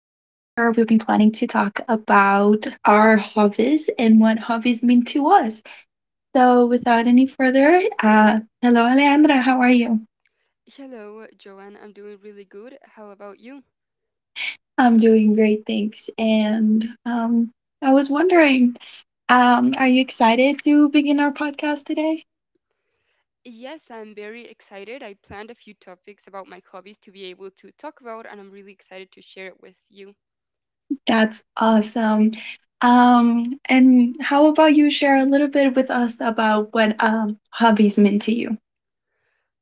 we've been planning to talk about our hobbies and what hobbies mean to us. So, without any further, hello, Alejandra, how are you? Hello, Joanne. I'm doing really good. How about you? I'm doing great, thanks. And I was wondering, are you excited to begin our podcast today? Yes, I'm very excited. I planned a few topics about my hobbies to be able to talk about, and I'm really excited to share it with you. That's awesome. Um, and how about you share a little bit with us about what hobbies mean to you?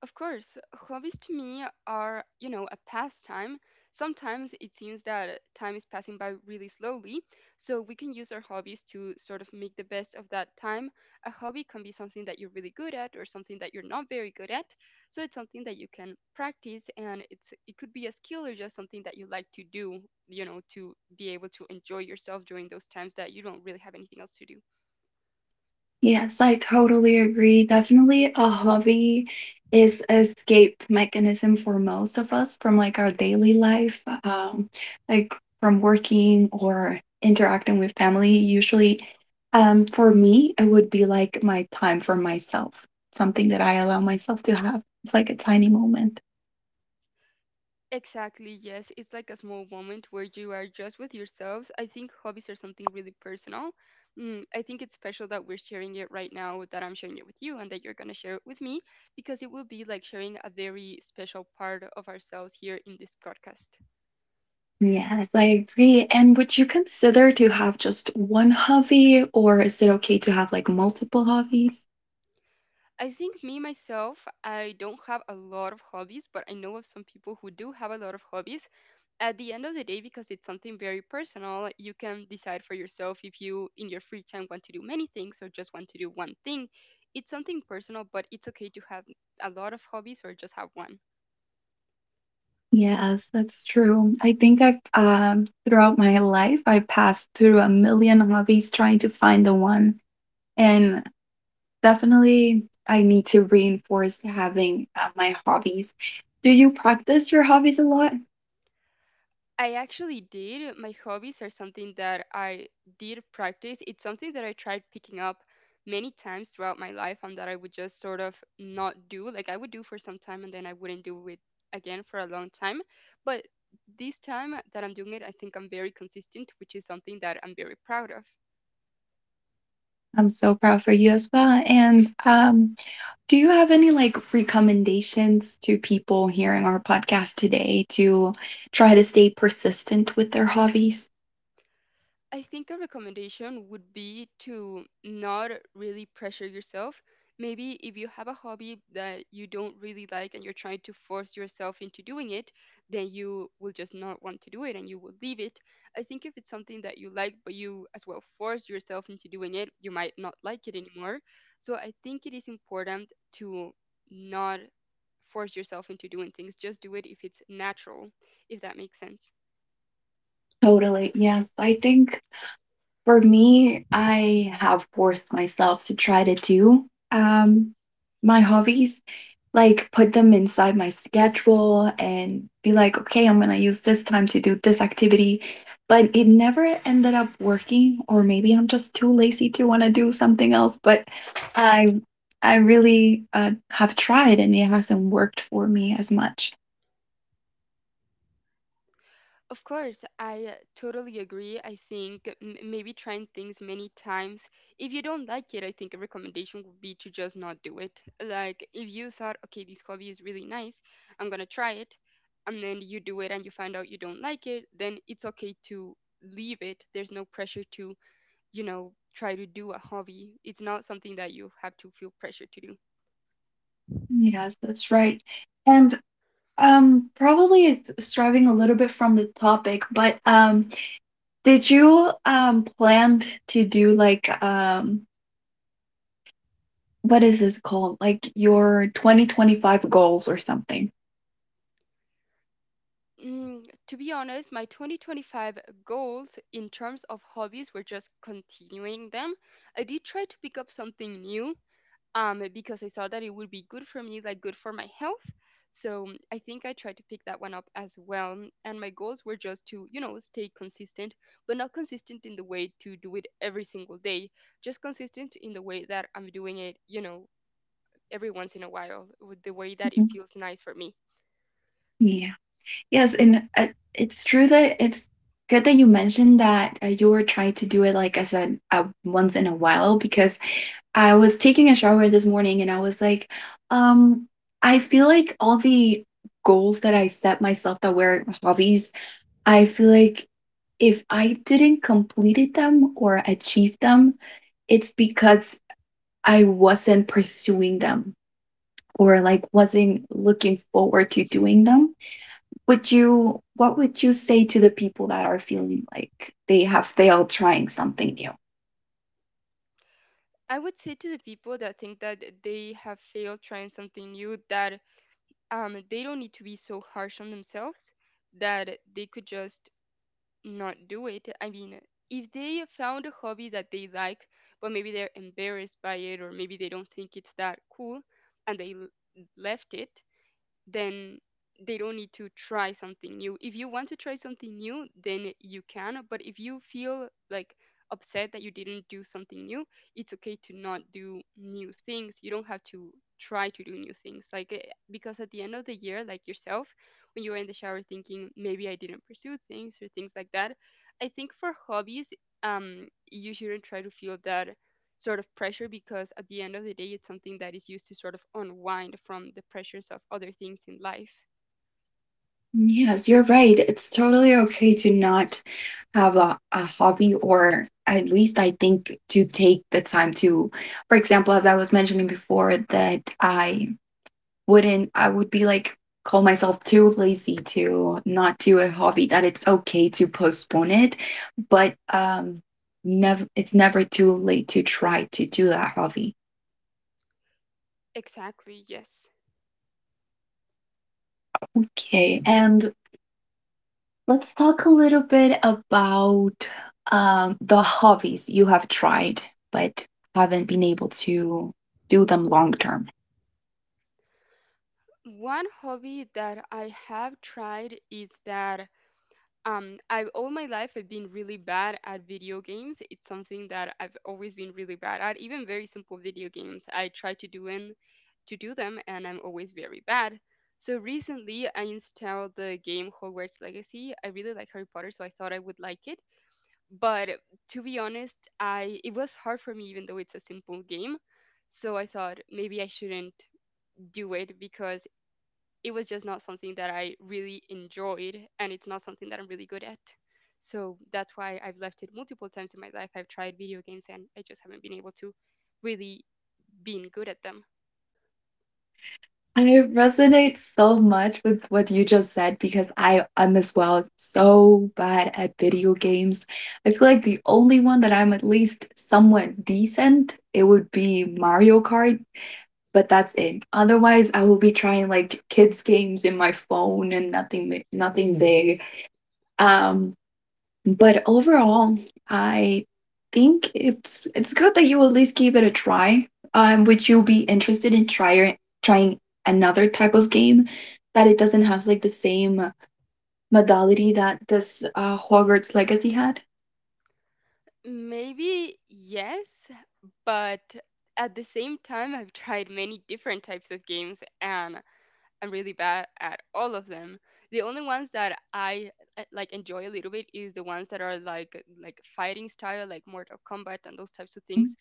Of course, hobbies to me are a pastime. Sometimes it seems that time is passing by really slowly, so we can use our hobbies to sort of make the best of that time. A hobby can be something that you're really good at or something that you're not very good at. So it's something that you can practice, and it could be a skill or just something that you like to do, to be able to enjoy yourself during those times that you don't really have anything else to do. Yes, I totally agree. Definitely a hobby is a escape mechanism for most of us from like our daily life, like from working or interacting with family. Usually, for me, it would be like my time for myself, something that I allow myself to have. It's like a tiny moment. Exactly, yes. It's like a small moment where you are just with yourselves. I think hobbies are something really personal. I think it's special that we're sharing it right now, that I'm sharing it with you, and that you're going to share it with me, because it will be like sharing a very special part of ourselves here in this podcast. Yes, I agree. And would you consider to have just one hobby, or is it okay to have like multiple hobbies? I think me, myself, I don't have a lot of hobbies, but I know of some people who do have a lot of hobbies. At the end of the day, because it's something very personal, you can decide for yourself if you in your free time want to do many things or just want to do one thing. It's something personal, but it's okay to have a lot of hobbies or just have one. Yes, that's true. I think I've throughout my life I've passed through a million hobbies trying to find the one. And definitely I need to reinforce having my hobbies. Do you practice your hobbies a lot? I actually did. My hobbies are something that I did practice. It's something that I tried picking up many times throughout my life and that I would just sort of not do. Like I would do for some time and then I wouldn't do it again for a long time. But this time that I'm doing it, I think I'm very consistent, which is something that I'm very proud of. I'm so proud for you as well. And do you have any like recommendations to people hearing our podcast today to try to stay persistent with their hobbies? I think a recommendation would be to not really pressure yourself. Maybe if you have a hobby that you don't really like and you're trying to force yourself into doing it, then you will just not want to do it and you will leave it. I think if it's something that you like, but you as well force yourself into doing it, you might not like it anymore. So I think it is important to not force yourself into doing things, just do it if it's natural, if that makes sense. Totally. Yes. I think for me, I have forced myself to try to do um, my hobbies, like put them inside my schedule and be like, okay, I'm going to use this time to do this activity. But it never ended up working, or maybe I'm just too lazy to want to do something else. But I, I really have tried, and it hasn't worked for me as much. Of course, I totally agree. I think maybe trying things many times. If you don't like it, I think a recommendation would be to just not do it. Like, if you thought, okay, this hobby is really nice, I'm gonna try it, and then you do it and you find out you don't like it, then it's okay to leave it. There's no pressure to try to do a hobby. It's not something that you have to feel pressure to do. Yes, that's right. And probably it's striving a little bit from the topic, but did you plan to do like what is this called? Like your 2025 goals or something? To be honest, my 2025 goals in terms of hobbies were just continuing them. I did try to pick up something new because I thought that it would be good for me, like good for my health. So I think I tried to pick that one up as well. And my goals were just to stay consistent, but not consistent in the way to do it every single day, just consistent in the way that I'm doing it, every once in a while, with the way that it Mhm. feels nice for me. Yeah. Yes, and it's true that it's good that you mentioned that you were trying to do it, like I said, once in a while, because I was taking a shower this morning and I was like, um, I feel like all the goals that I set myself that were hobbies, I feel like if I didn't completed them or achieve them, it's because I wasn't pursuing them or like wasn't looking forward to doing them. Would you, what would you say to the people that are feeling like they have failed trying something new? I would say to the people that think that they have failed trying something new that they don't need to be so harsh on themselves, that they could just not do it. I mean, if they found a hobby that they like, but maybe they're embarrassed by it or maybe they don't think it's that cool and they left it, then they don't need to try something new. If you want to try something new, then you can. But if you feel like upset that you didn't do something new, it's okay to not do new things. You don't have to try to do new things. Like, because at the end of the year, like yourself, when you're in the shower thinking, maybe I didn't pursue things or things like that, I think for hobbies, you shouldn't try to feel that sort of pressure, because at the end of the day, it's something that is used to sort of unwind from the pressures of other things in life. Yes, you're right. It's totally okay to not have a hobby, or at least I think to take the time to, for example, as I was mentioning before, that I wouldn't, I would be like, call myself too lazy to not do a hobby, that it's okay to postpone it, but never, it's never too late to try to do that hobby. Exactly, yes. Okay, and let's talk a little bit about the hobbies you have tried but haven't been able to do them long term. One hobby that I have tried is that, I've all my life, I've been really bad at video games. It's something that I've always been really bad at. Even very simple video games I try to do and to do them, and I'm always very bad. So recently, I installed the game Hogwarts Legacy. I really like Harry Potter, so I thought I would like it, but to be honest, I it was hard for me, even though it's a simple game. So I thought maybe I shouldn't do it, because it was just not something that I really enjoyed, and it's not something that I'm really good at. So that's why I've left it multiple times. In my life, I've tried video games and I just haven't been able to really being good at them. I resonate so much with what you just said because I am as well so bad at video games. I feel like the only one that I'm at least somewhat decent, it would be Mario Kart, but that's it. Otherwise, I will be trying like kids games in my phone and nothing nothing big. Um, but overall, I think it's good that you at least give it a try. Would you be interested in trying another type of game that it doesn't have like the same modality that this Hogwarts Legacy had? Maybe, yes. But at the same time, I've tried many different types of games, and I'm really bad at all of them. The only ones that I like enjoy a little bit is the ones that are like fighting style, like Mortal Kombat and those types of things.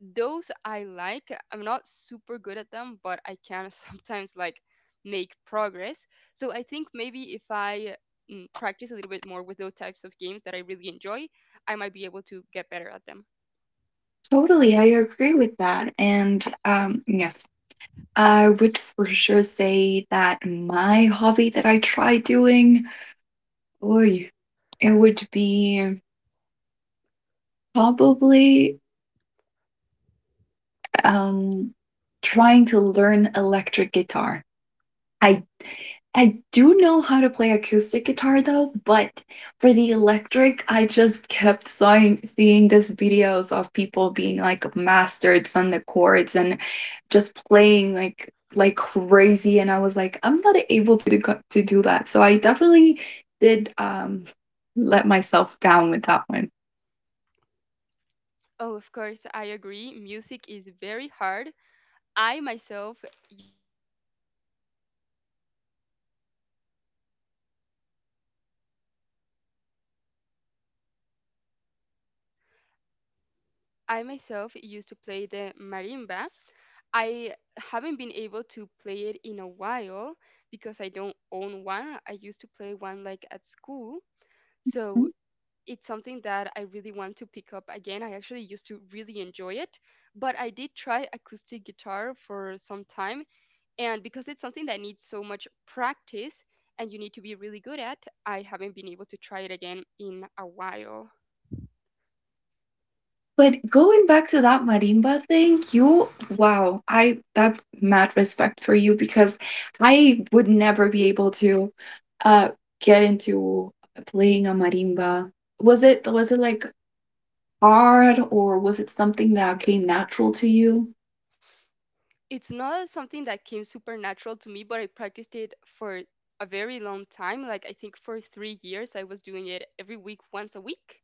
Those I like. I'm not super good at them, but I can sometimes like make progress. So I think maybe if I practice a little bit more with those types of games that I really enjoy, I might be able to get better at them. Totally, I agree with that. And yes, I would for sure say that my hobby that I try doing, oy, it would be probably um, trying to learn electric guitar. I I do know how to play acoustic guitar though, but for the electric, I just kept seeing these videos of people being like masters on the chords and just playing like crazy, and I was like, I'm not able to to do that. So I definitely did let myself down with that one. Oh, of course, I agree. Music is very hard. I myself I myself used to play the marimba. I haven't been able to play it in a while because I don't own one. I used to play one like at school. So it's something that I really want to pick up again. I actually used to really enjoy it, but I did try acoustic guitar for some time. And because it's something that needs so much practice and you need to be really good at, I haven't been able to try it again in a while. But going back to that marimba thing, you wow, I that's mad respect for you because I would never be able to uh get into playing a marimba. Was it like hard or was it something that came natural to you? It's not something that came supernatural to me, but I practiced it for a very long time. Like I think for 3 years, I was doing it every week, once a week,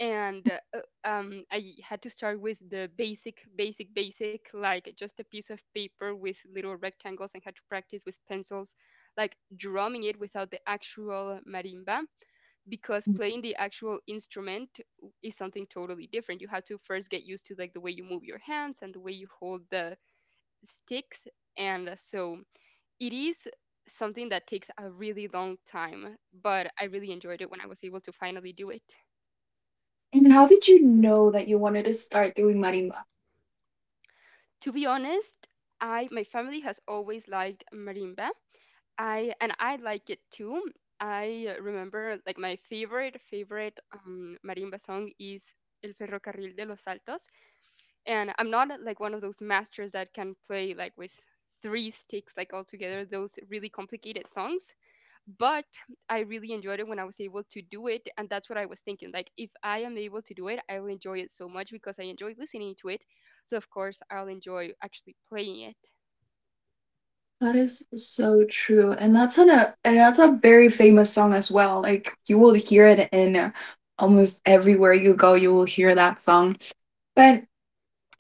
and I had to start with the basic, basic, basic, like just a piece of paper with little rectangles, and had to practice with pencils, like drumming it without the actual marimba, because playing the actual instrument is something totally different. You have to first get used to like the way you move your hands and the way you hold the sticks. And so it is something that takes a really long time, but I really enjoyed it when I was able to finally do it. And how did you know that you wanted to start doing marimba? To be honest, I my family has always liked marimba. I and I like it too. I remember like my favorite marimba song is El Ferrocarril de los Altos, and I'm not like one of those masters that can play like with three sticks like all together those really complicated songs. But I really enjoyed it when I was able to do it. And that's what I was thinking. Like, if I am able to do it, I will enjoy it so much because I enjoy listening to it. So, of course, I'll enjoy actually playing it. That is so true. And that's an a and that's a very famous song as well. Like you will hear it in almost everywhere you go, you will hear that song. But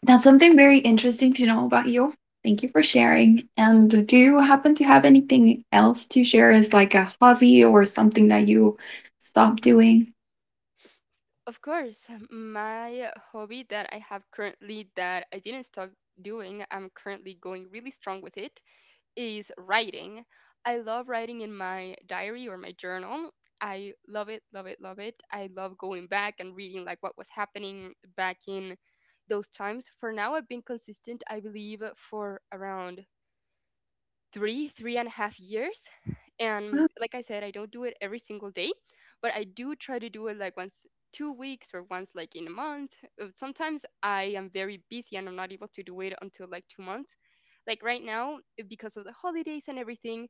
that's something very interesting to know about you. Thank you for sharing. And do you happen to have anything else to share as like a hobby or something that you stopped doing? Of course, my hobby that I have currently, that I didn't stop doing, I'm currently going really strong with it, is writing. I love writing in my diary or my journal. I love it, love it, love it. I love going back and reading like what was happening back in those times. For now, I've been consistent, I believe, for around 3.5 years. And like I said, I don't do it every single day, but I do try to do it like once 2 weeks or once like in a month. Sometimes I am very busy and I'm not able to do it until like 2 months, like right now, because of the holidays. And everything,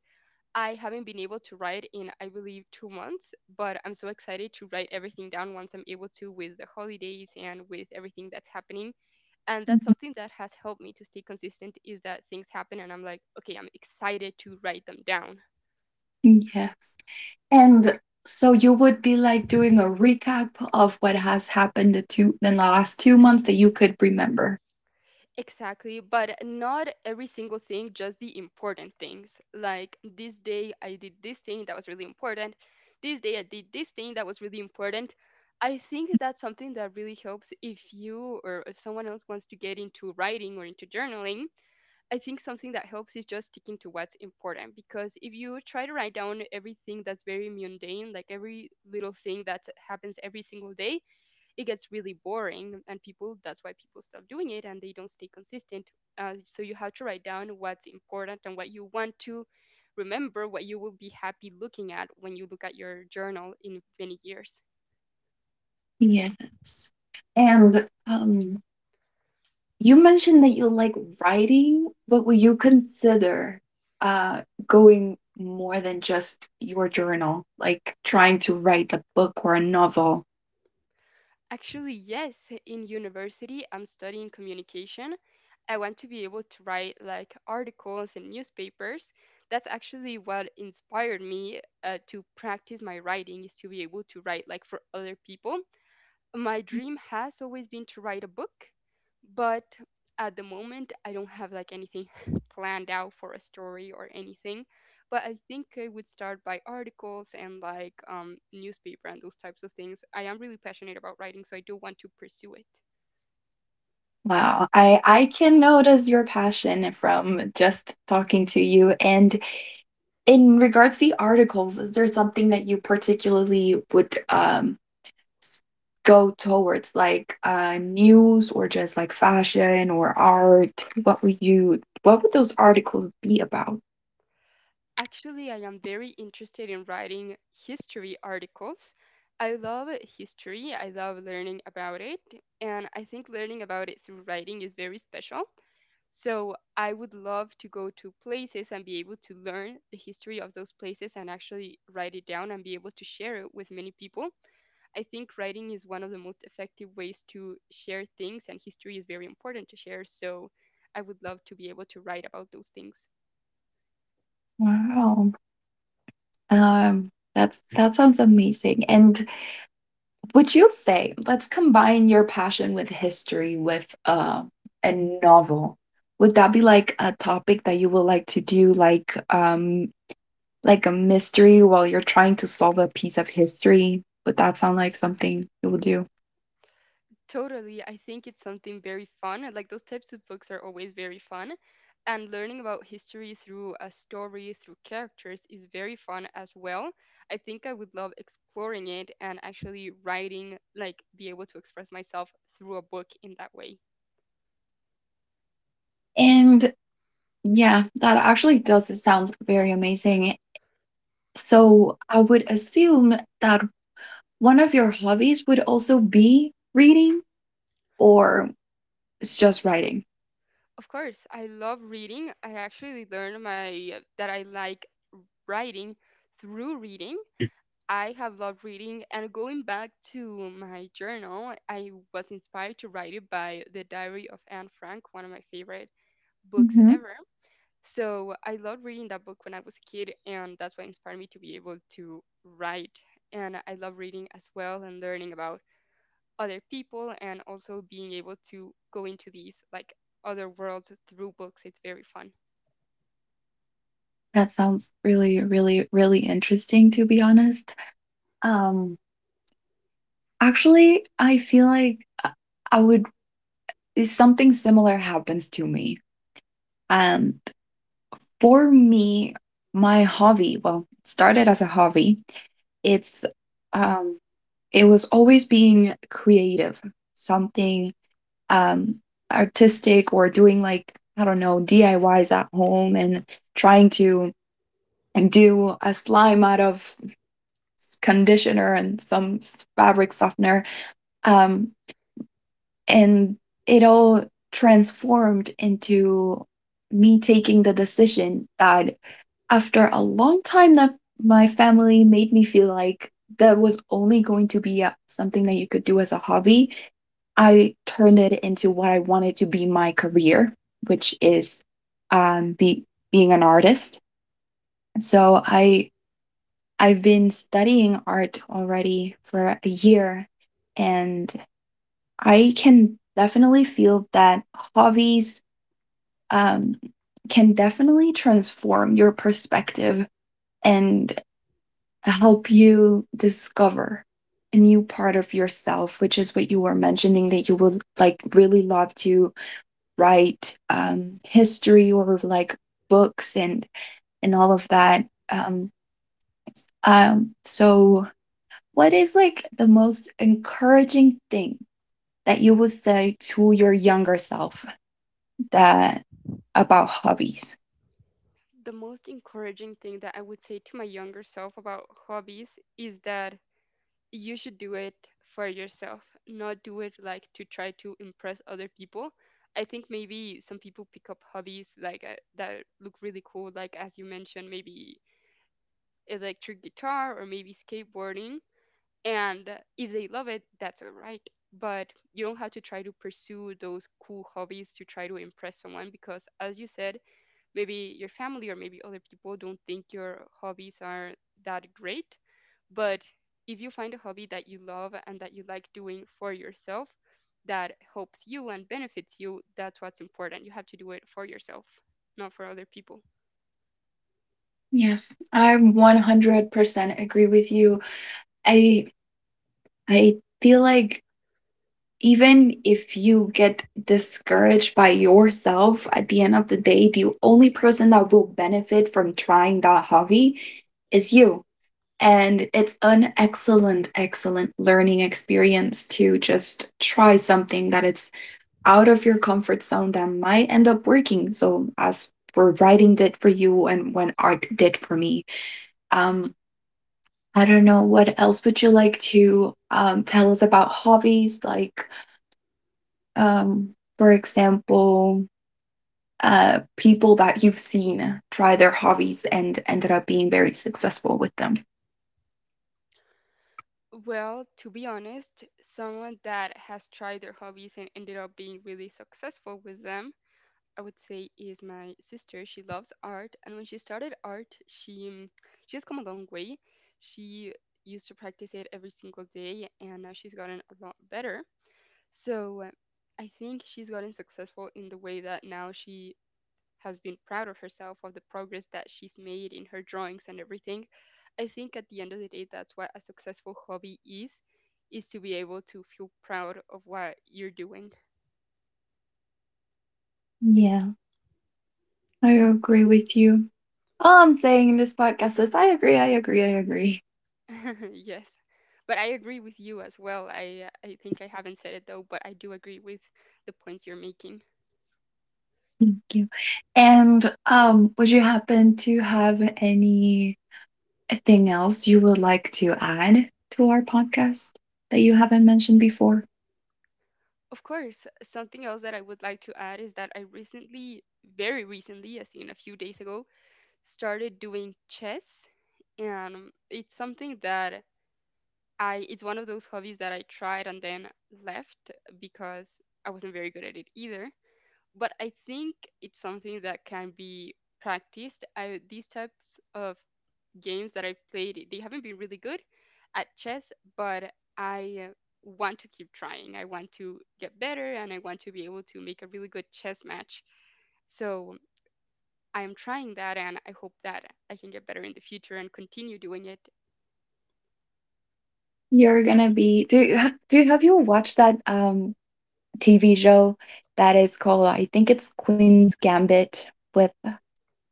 I haven't been able to write in, I believe, 2 months, but I'm so excited to write everything down once I'm able to, with the holidays and with everything that's happening. And that's Mhm. something that has helped me to stay consistent, is that things happen and I'm like, okay, I'm excited to write them down. Yes. And so you would be like doing a recap of what has happened the two in the last 2 months that you could remember. Exactly, but not every single thing, just the important things. Like, this day I did this thing that was really important, this day I did this thing that was really important. I think that's something that really helps if you, or if someone else wants to get into writing or into journaling. I think something that helps is just sticking to what's important, because if you try to write down everything that's very mundane, like every little thing that happens every single day, it gets really boring. And people, that's why people stop doing it and they don't stay consistent. So you have to write down what's important and what you want to remember, what you will be happy looking at when you look at your journal in many years. Yes. And you mentioned that you like writing, but would you consider uh going more than just your journal, like trying to write a book or a novel? Actually, yes. In university, I'm studying communication. I want to be able to write like articles in newspapers. That's actually what inspired me to practice my writing, is to be able to write like for other people. My dream has always been to write a book, but at the moment, I don't have like anything planned out for a story or anything. But I think I would start by articles and like newspaper and those types of things. I am really passionate about writing, so I do want to pursue it. Wow, I can notice your passion from just talking to you. And in regards to the articles, is there something that you particularly would s- go towards, like news or just like fashion or art? What would you, what would those articles be about? Actually, I am very interested in writing history articles. I love history. I love learning about it. And I think learning about it through writing is very special. So I would love to go to places and be able to learn the history of those places and actually write it down and be able to share it with many people. I think writing is one of the most effective ways to share things, and history is very important to share. So I would love to be able to write about those things. Wow. That sounds amazing. And would you say, let's combine your passion with history with a novel. Would that be like a topic that you would like to do, like a mystery while you're trying to solve a piece of history? Would that sound like something you would do? Totally. I think it's something very fun. Like, those types of books are always very fun. And learning about history through a story, through characters, is very fun as well. I think I would love exploring it and actually writing, like, be able to express myself through a book in that way. And yeah, that actually does. It sounds very amazing. So I would assume that one of your hobbies would also be reading or it's just writing. Of course, I love reading. I actually learned my that I like writing through reading. I have loved reading, and going back to my journal, I was inspired to write it by The Diary of Anne Frank, one of my favorite books Hmm, ever. So I loved reading that book when I was a kid, and that's what inspired me to be able to write. And I love reading as well and learning about other people, and also being able to go into these like other worlds through books. It's very fun. that sounds really interesting, to be honest. Um, Actually, I feel like uh, I would, something similar happens to me. Um, for me, my hobby, well, it started as a hobby. It's, um, it was always being creative, something, um, artistic or doing like, I don't know, DIYs at home and trying to do a slime out of conditioner and some fabric softener. Um, and it all transformed into me taking the decision that after a long time that my family made me feel like that was only going to be a, something that you could do as a hobby. I turned it into what I wanted to be my career, which is um, be, being an artist. So I've been studying art already for a year, and I can definitely feel that hobbies um, can definitely transform your perspective and help you discover a new part of yourself, which is what you were mentioning that you would like really love to write history or like books and all of that. Um, so what is like the most encouraging thing that you would say to your younger self that about hobbies? The most encouraging thing that I would say to my younger self about hobbies is that you should do it for yourself, not do it like to try to impress other people. I think maybe some people pick up hobbies like that look really cool, like as you mentioned, maybe electric guitar or maybe skateboarding. And if they love it, that's all right. But you don't have to try to pursue those cool hobbies to try to impress someone, because, as you said, maybe your family or maybe other people don't think your hobbies are that great. But if you find a hobby that you love and that you like doing for yourself, that helps you and benefits you, that's what's important. You have to do it for yourself, not for other people. Yes, I 100% agree with you. I I feel like even if you get discouraged by yourself at the end of the day, the only person that will benefit from trying that hobby is you. And it's an excellent learning experience to just try something that it's out of your comfort zone that might end up working. So, as for writing did for you and when art did for me. Um, I don't know what else would you like to tell us about hobbies, like um, for example, people that you've seen try their hobbies and ended up being very successful with them? Well, to be honest, someone that has tried their hobbies and ended up being really successful with them, I would say, is my sister. She loves art, and when she started art, she has come a long way. She used to practice it every single day, and now she's gotten a lot better. So I think she's gotten successful in the way that now she has been proud of herself of the progress that she's made in her drawings and everything. I think at the end of the day, that's what a successful hobby is to be able to feel proud of what you're doing. Yeah, I agree with you. All I'm saying in this podcast is I agree, I agree, I agree. Yes. But I agree with you as well. I think I haven't said it though, but I do agree with the points you're making. Thank you. And would you happen to have any anything else you would like to add to our podcast that you haven't mentioned before? Of course, something else that I would like to add is that I recently, very recently, as in a few days ago, started doing chess. And it's something that it's one of those hobbies that I tried and then left because I wasn't very good at it either. But I think it's something that can be practiced. These types of games that I've played, they haven't been really good at chess, but I want to keep trying. I want to get better and I want to be able to make a really good chess match. So I am trying that and I hope that I can get better in the future and continue doing it. You're gonna be do you have you watched that TV show that is called I think it's Queen's Gambit with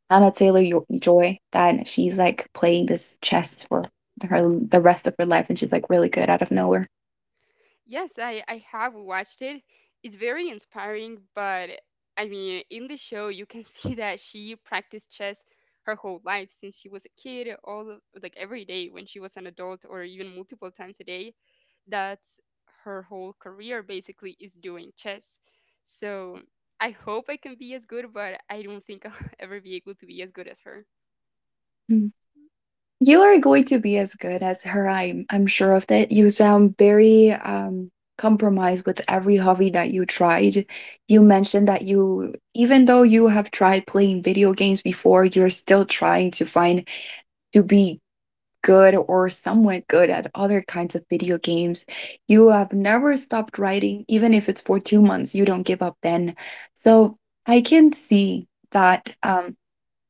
Anna Taylor Joy that she's like playing this chess for her the rest of her life and she's like really good out of nowhere? Yes, I have watched it. It's very inspiring, but I mean, in the show, you can see that she practiced chess her whole life since she was a kid, like every day when she was an adult, or even multiple times a day. That's her whole career basically, is doing chess. So I hope I can be as good, but I don't think I'll ever be able to be as good as her. You are going to be as good as her. I'm sure of that. You sound very compromised with every hobby that you tried. You mentioned that you even though you have tried playing video games before, you're still trying to find to be good or somewhat good at other kinds of video games. You have never stopped writing, even if it's for 2 months, you don't give up then. So I can see that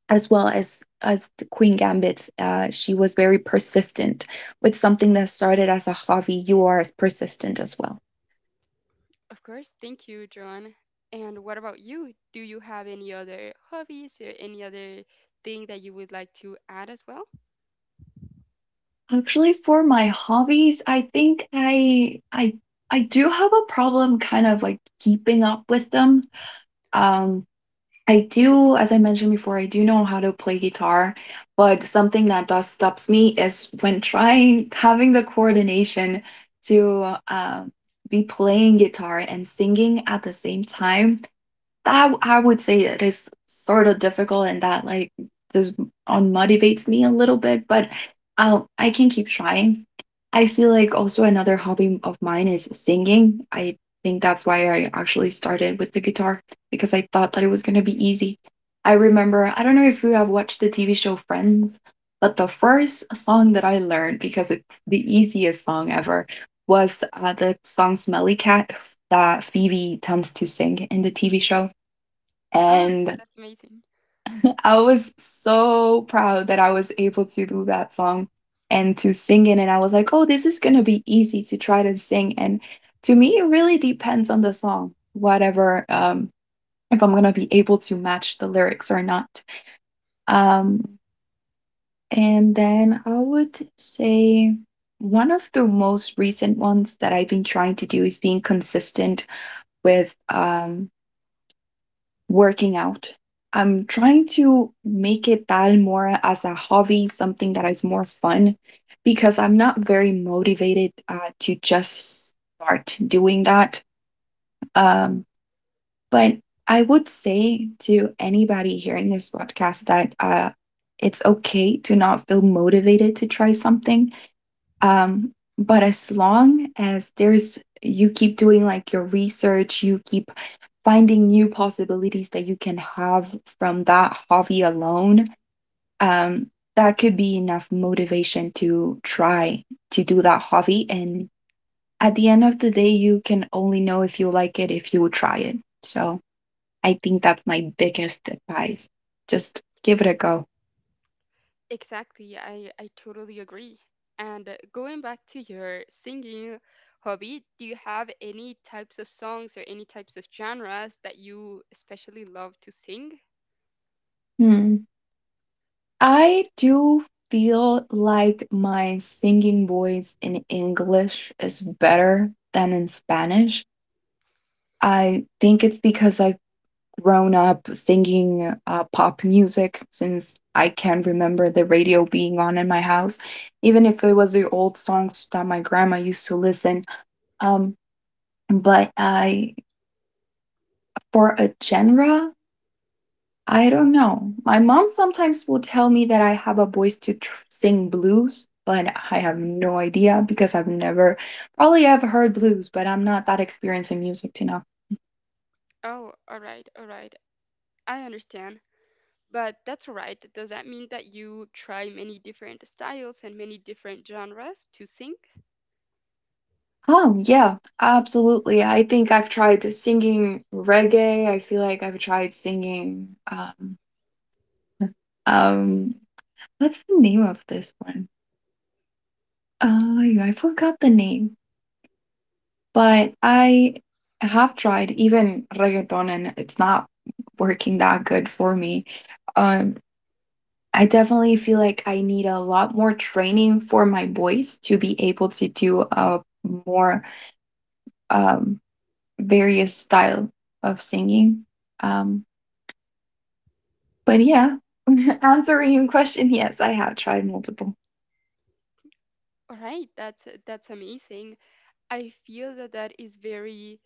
as well as the Queen Gambit, she was very persistent with something that started as a hobby. You are as persistent as well. Of course. Thank you, John. And what about you? Do you have any other hobbies or any other thing that you would like to add as well? Actually, for my hobbies, I think I do have a problem, kind of like keeping up with them. Um I do, as I mentioned before, I do know how to play guitar, but something that does stops me is when trying having the coordination to be playing guitar and singing at the same time. That I would say it is sort of difficult and that like this unmotivates me a little bit, but I can keep trying. I feel like also another hobby of mine is singing. I think that's why I actually started with the guitar because I thought that it was going to be easy. I remember, I don't know if you have watched the TV show Friends, but the first song that I learned because it's the easiest song ever was the song Smelly Cat that Phoebe tends to sing in the TV show. Oh, And that's amazing. I was so proud that I was able to do that song and to sing it. And I was like, oh, this is going to be easy to try to sing. And to me, it really depends on the song, whatever, if I'm going to be able to match the lyrics or not. Um, and then I would say one of the most recent ones that I've been trying to do is being consistent with working out. I'm trying to make it that more as a hobby, something that is more fun, because I'm not very motivated to just start doing that. Um, but I would say to anybody hearing this podcast that it's okay to not feel motivated to try something, but as long as there's, you keep doing like your research, you keep finding new possibilities that you can have from that hobby alone, um that could be enough motivation to try to do that hobby. And at the end of the day, you can only know if you like it if you try it, so I think that's my biggest advice, just give it a go. Exactly. I totally agree. And going back to your singing hobby, do you have any types of songs or any types of genres that you especially love to sing? Hmm. I do feel like my singing voice in English is better than in Spanish. I think it's because I've grown up singing pop music since I can remember the radio being on in my house, even if it was the old songs that my grandma used to listen. Um, but I, for a genre I don't know. My mom sometimes will tell me that I have a voice to sing blues, but I have no idea because I've never, probably I've heard blues, but I'm not that experienced in music to know. Oh, all right, all right. I understand. But that's all right. Does that mean that you try many different styles and many different genres to sing? Oh, yeah, absolutely. I think I've tried singing reggae. I feel like I've tried singing, um, what's the name of this one? Oh, I forgot the name. But I have tried even reggaeton and it's not working that good for me. Um, I definitely feel like I need a lot more training for my voice to be able to do a more um, various style of singing. Um, but yeah, answering your question, yes, I have tried multiple. All right, that's amazing. I feel that that is very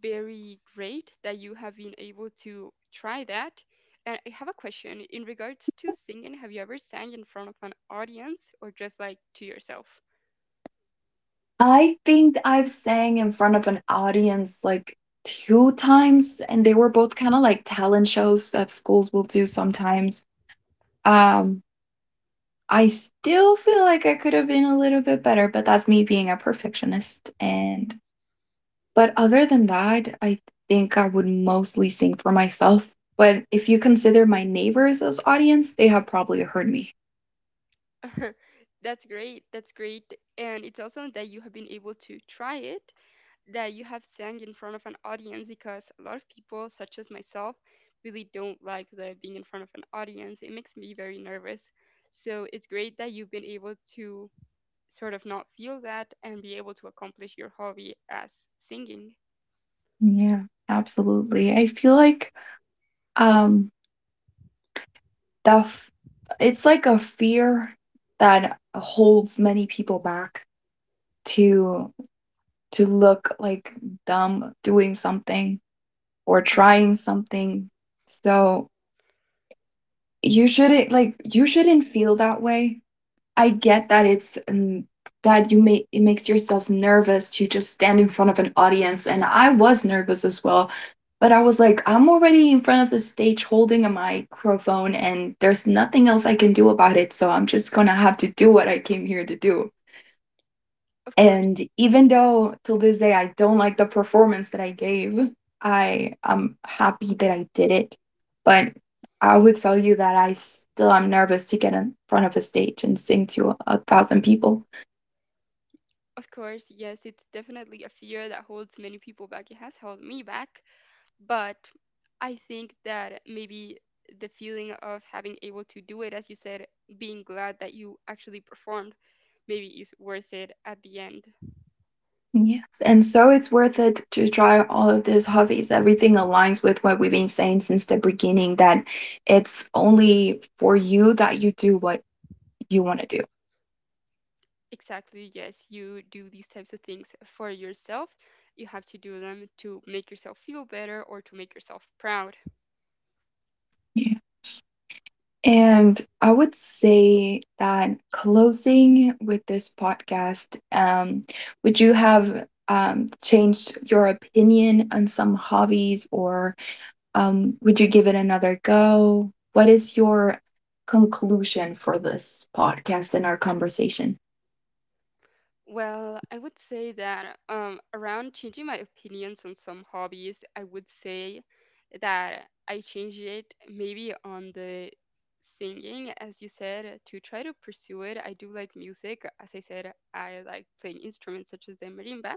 very great that you have been able to try that. And I have a question in regards to singing. Have you ever sang in front of an audience, or just like to yourself? I think I've sang in front of an audience, like, 2 times, and they were both kinda like talent shows that schools will do sometimes. Um, I still feel like I could have been a little bit better, but that's me being a perfectionist, and but other than that, I think I would mostly sing for myself, but if you consider my neighbors as audience, they have probably heard me. That's great. That's great. And it's awesome that you have been able to try it, that you have sang in front of an audience, because a lot of people, such as myself, really don't like the being in front of an audience. It makes me very nervous. So it's great that you've been able to sort of not feel that and be able to accomplish your hobby as singing. Yeah, absolutely. I feel like, um the f it's like a fear that holds many people back to look like dumb doing something or Hmm. trying something. So, you shouldn't like, you shouldn't feel that way. I get that it's that you may, it makes yourself nervous to just stand in front of an audience, and I was nervous as well. But I was like, I'm already in front of the stage holding a microphone, and there's nothing else I can do about it. So I'm just gonna have to do what I came here to do. Of And course. even though till this day I don't like the performance that I gave, I am happy that I did it. But I would tell you that I still am nervous to get in front of a stage and sing to a thousand people. Of course, yes, it's definitely a fear that holds many people back. It has held me back, but I think that maybe the feeling of having able to do it, as you said, being glad that you actually performed, maybe is worth it at the end. Yes. And so it's worth it to try all of these hobbies. Everything aligns with what we've been saying since the beginning that it's only for you that you do what you want to do. Exactly, yes, you do these types of things for yourself. You have to do them to make yourself feel better or to make yourself proud. Yeah. And I would say that closing with this podcast, would you have changed your opinion on some hobbies, or would you give it another go? What is your conclusion for this podcast and our conversation? Well, I would say that around changing my opinions on some hobbies, I would say that I changed it maybe on the singing, as you said, to try to pursue it. I do like music. As I said, I like playing instruments such as the marimba.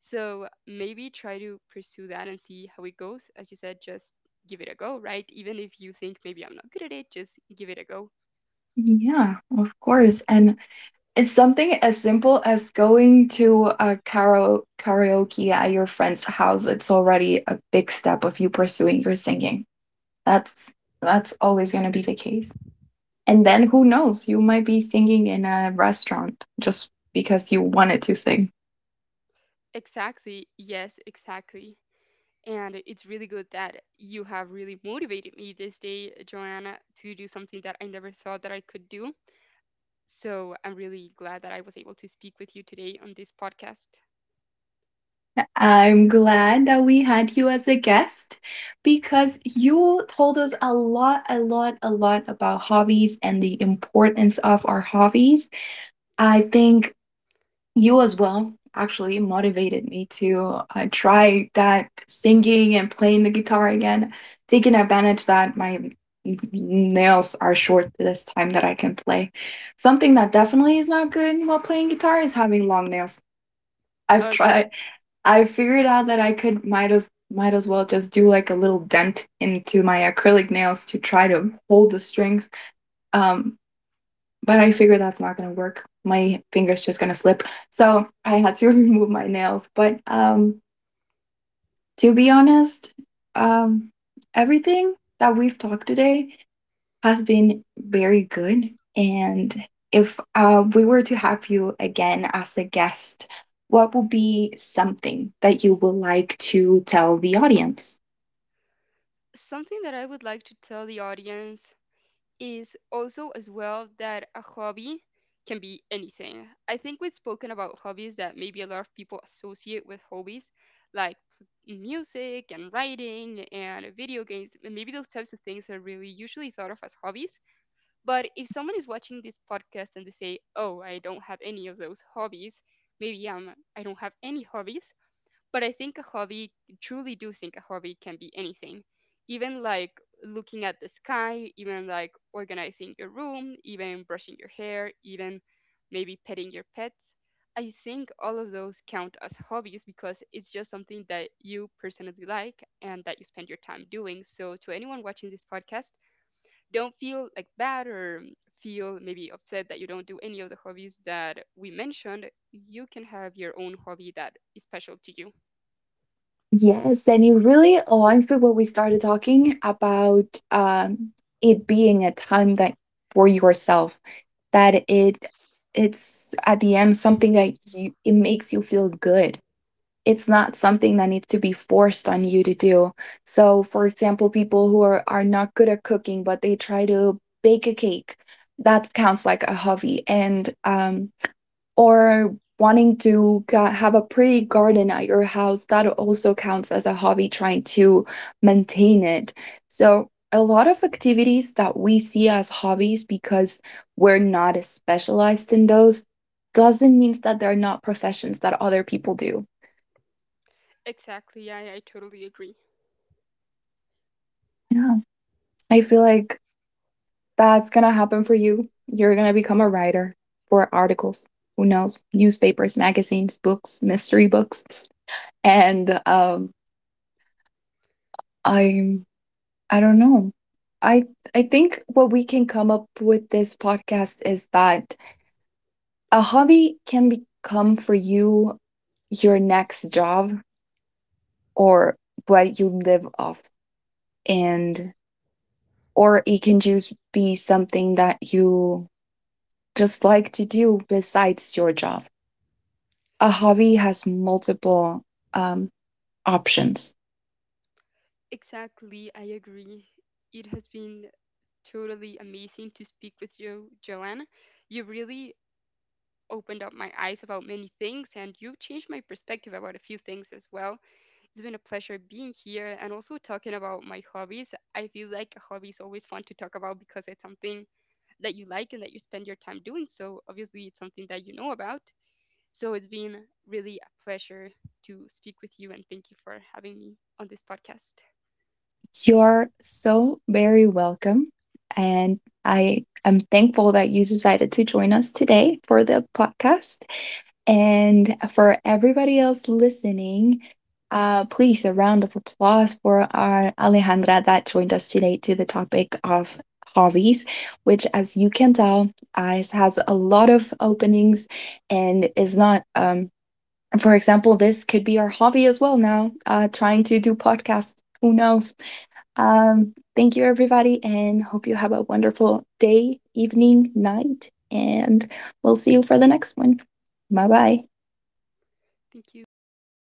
So maybe try to pursue that and see how it goes. As you said, just give it a go, right? Even if you think maybe I'm not good at it, just give it a go. Yeah, of course. And it's something as simple as going to a karaoke at your friend's house. It's already a big step of you pursuing your singing. That's that's always going to be the case. And then who knows, you might be singing in a restaurant just because you wanted to sing. Exactly. Yes, exactly. And it's really good that you have really motivated me this day, Joanna, to do something that I never thought that I could do. So I'm really glad that I was able to speak with you today on this podcast. I'm glad that we had you as a guest because you told us a lot, a lot, a lot about hobbies and the importance of our hobbies. I think you as well actually motivated me to try that singing and playing the guitar again, taking advantage that my nails are short this time that I can play. Something that definitely is not good while playing guitar is having long nails. I've Oh, tried. yes. I figured out that I could might as well just do like a little dent into my acrylic nails to try to hold the strings. Um, but I figured that's not going to work. My finger's just going to slip. So I had to remove my nails. But to be honest, um, everything that we've talked today has been very good. And if we were to have you again as a guest, what would be something that you would like to tell the audience? Something that I would like to tell the audience is also as well that a hobby can be anything. I think we've spoken about hobbies that maybe a lot of people associate with hobbies, like music and writing and video games. And maybe those types of things are really usually thought of as hobbies. But if someone is watching this podcast and they say, "Oh, I don't have any of those hobbies," maybe I don't have any hobbies. But I think a hobby, truly do think a hobby can be anything, even like looking at the sky, even like organizing your room, even brushing your hair, even maybe petting your pets. I think all of those count as hobbies because it's just something that you personally like and that you spend your time doing. So, to anyone watching this podcast, don't feel like bad or feel maybe upset that you don't do any of the hobbies that we mentioned. You can have your own hobby that is special to you. Yes, and it really aligns with what we started talking about, um, it being a time that for yourself, that it's at the end something that you, it makes you feel good. It's not something that needs to be forced on you to do. So, for example, people who are not good at cooking, but they try to bake a cake, that counts like a hobby. And or wanting to have a pretty garden at your house, that also counts as a hobby, trying to maintain it. So a lot of activities that we see as hobbies, because we're not specialized in those, doesn't mean that they're not professions that other people do. Exactly. I totally agree. Yeah, I feel like that's gonna happen for you. You're gonna become a writer for articles, who knows, newspapers, magazines, books, mystery books. And I'm, I don't know. I I think what we can come up with this podcast is that a hobby can become for you your next job or what you live off, and or it can just be something that you just like to do besides your job. A hobby has multiple um options. Exactly. I agree. It has been totally amazing to speak with you, Joanna. You really opened up my eyes about many things and you changed my perspective about a few things as well. It's been a pleasure being here and also talking about my hobbies. I feel like a hobby is always fun to talk about because it's something that you like and that you spend your time doing. So obviously, it's something that you know about. So it's been really a pleasure to speak with you, and thank you for having me on this podcast. You're so very welcome. And I am thankful that you decided to join us today for the podcast. And for everybody else listening, please a round of applause for our Alejandra that joined us today to the topic of hobbies, which, as you can tell, has a lot of openings and is not. For example, this could be our hobby as well now. Trying to do podcasts, who knows? Thank you, everybody, and hope you have a wonderful day, evening, night, and we'll see you for the next one. Bye bye. Thank you. Goodbye.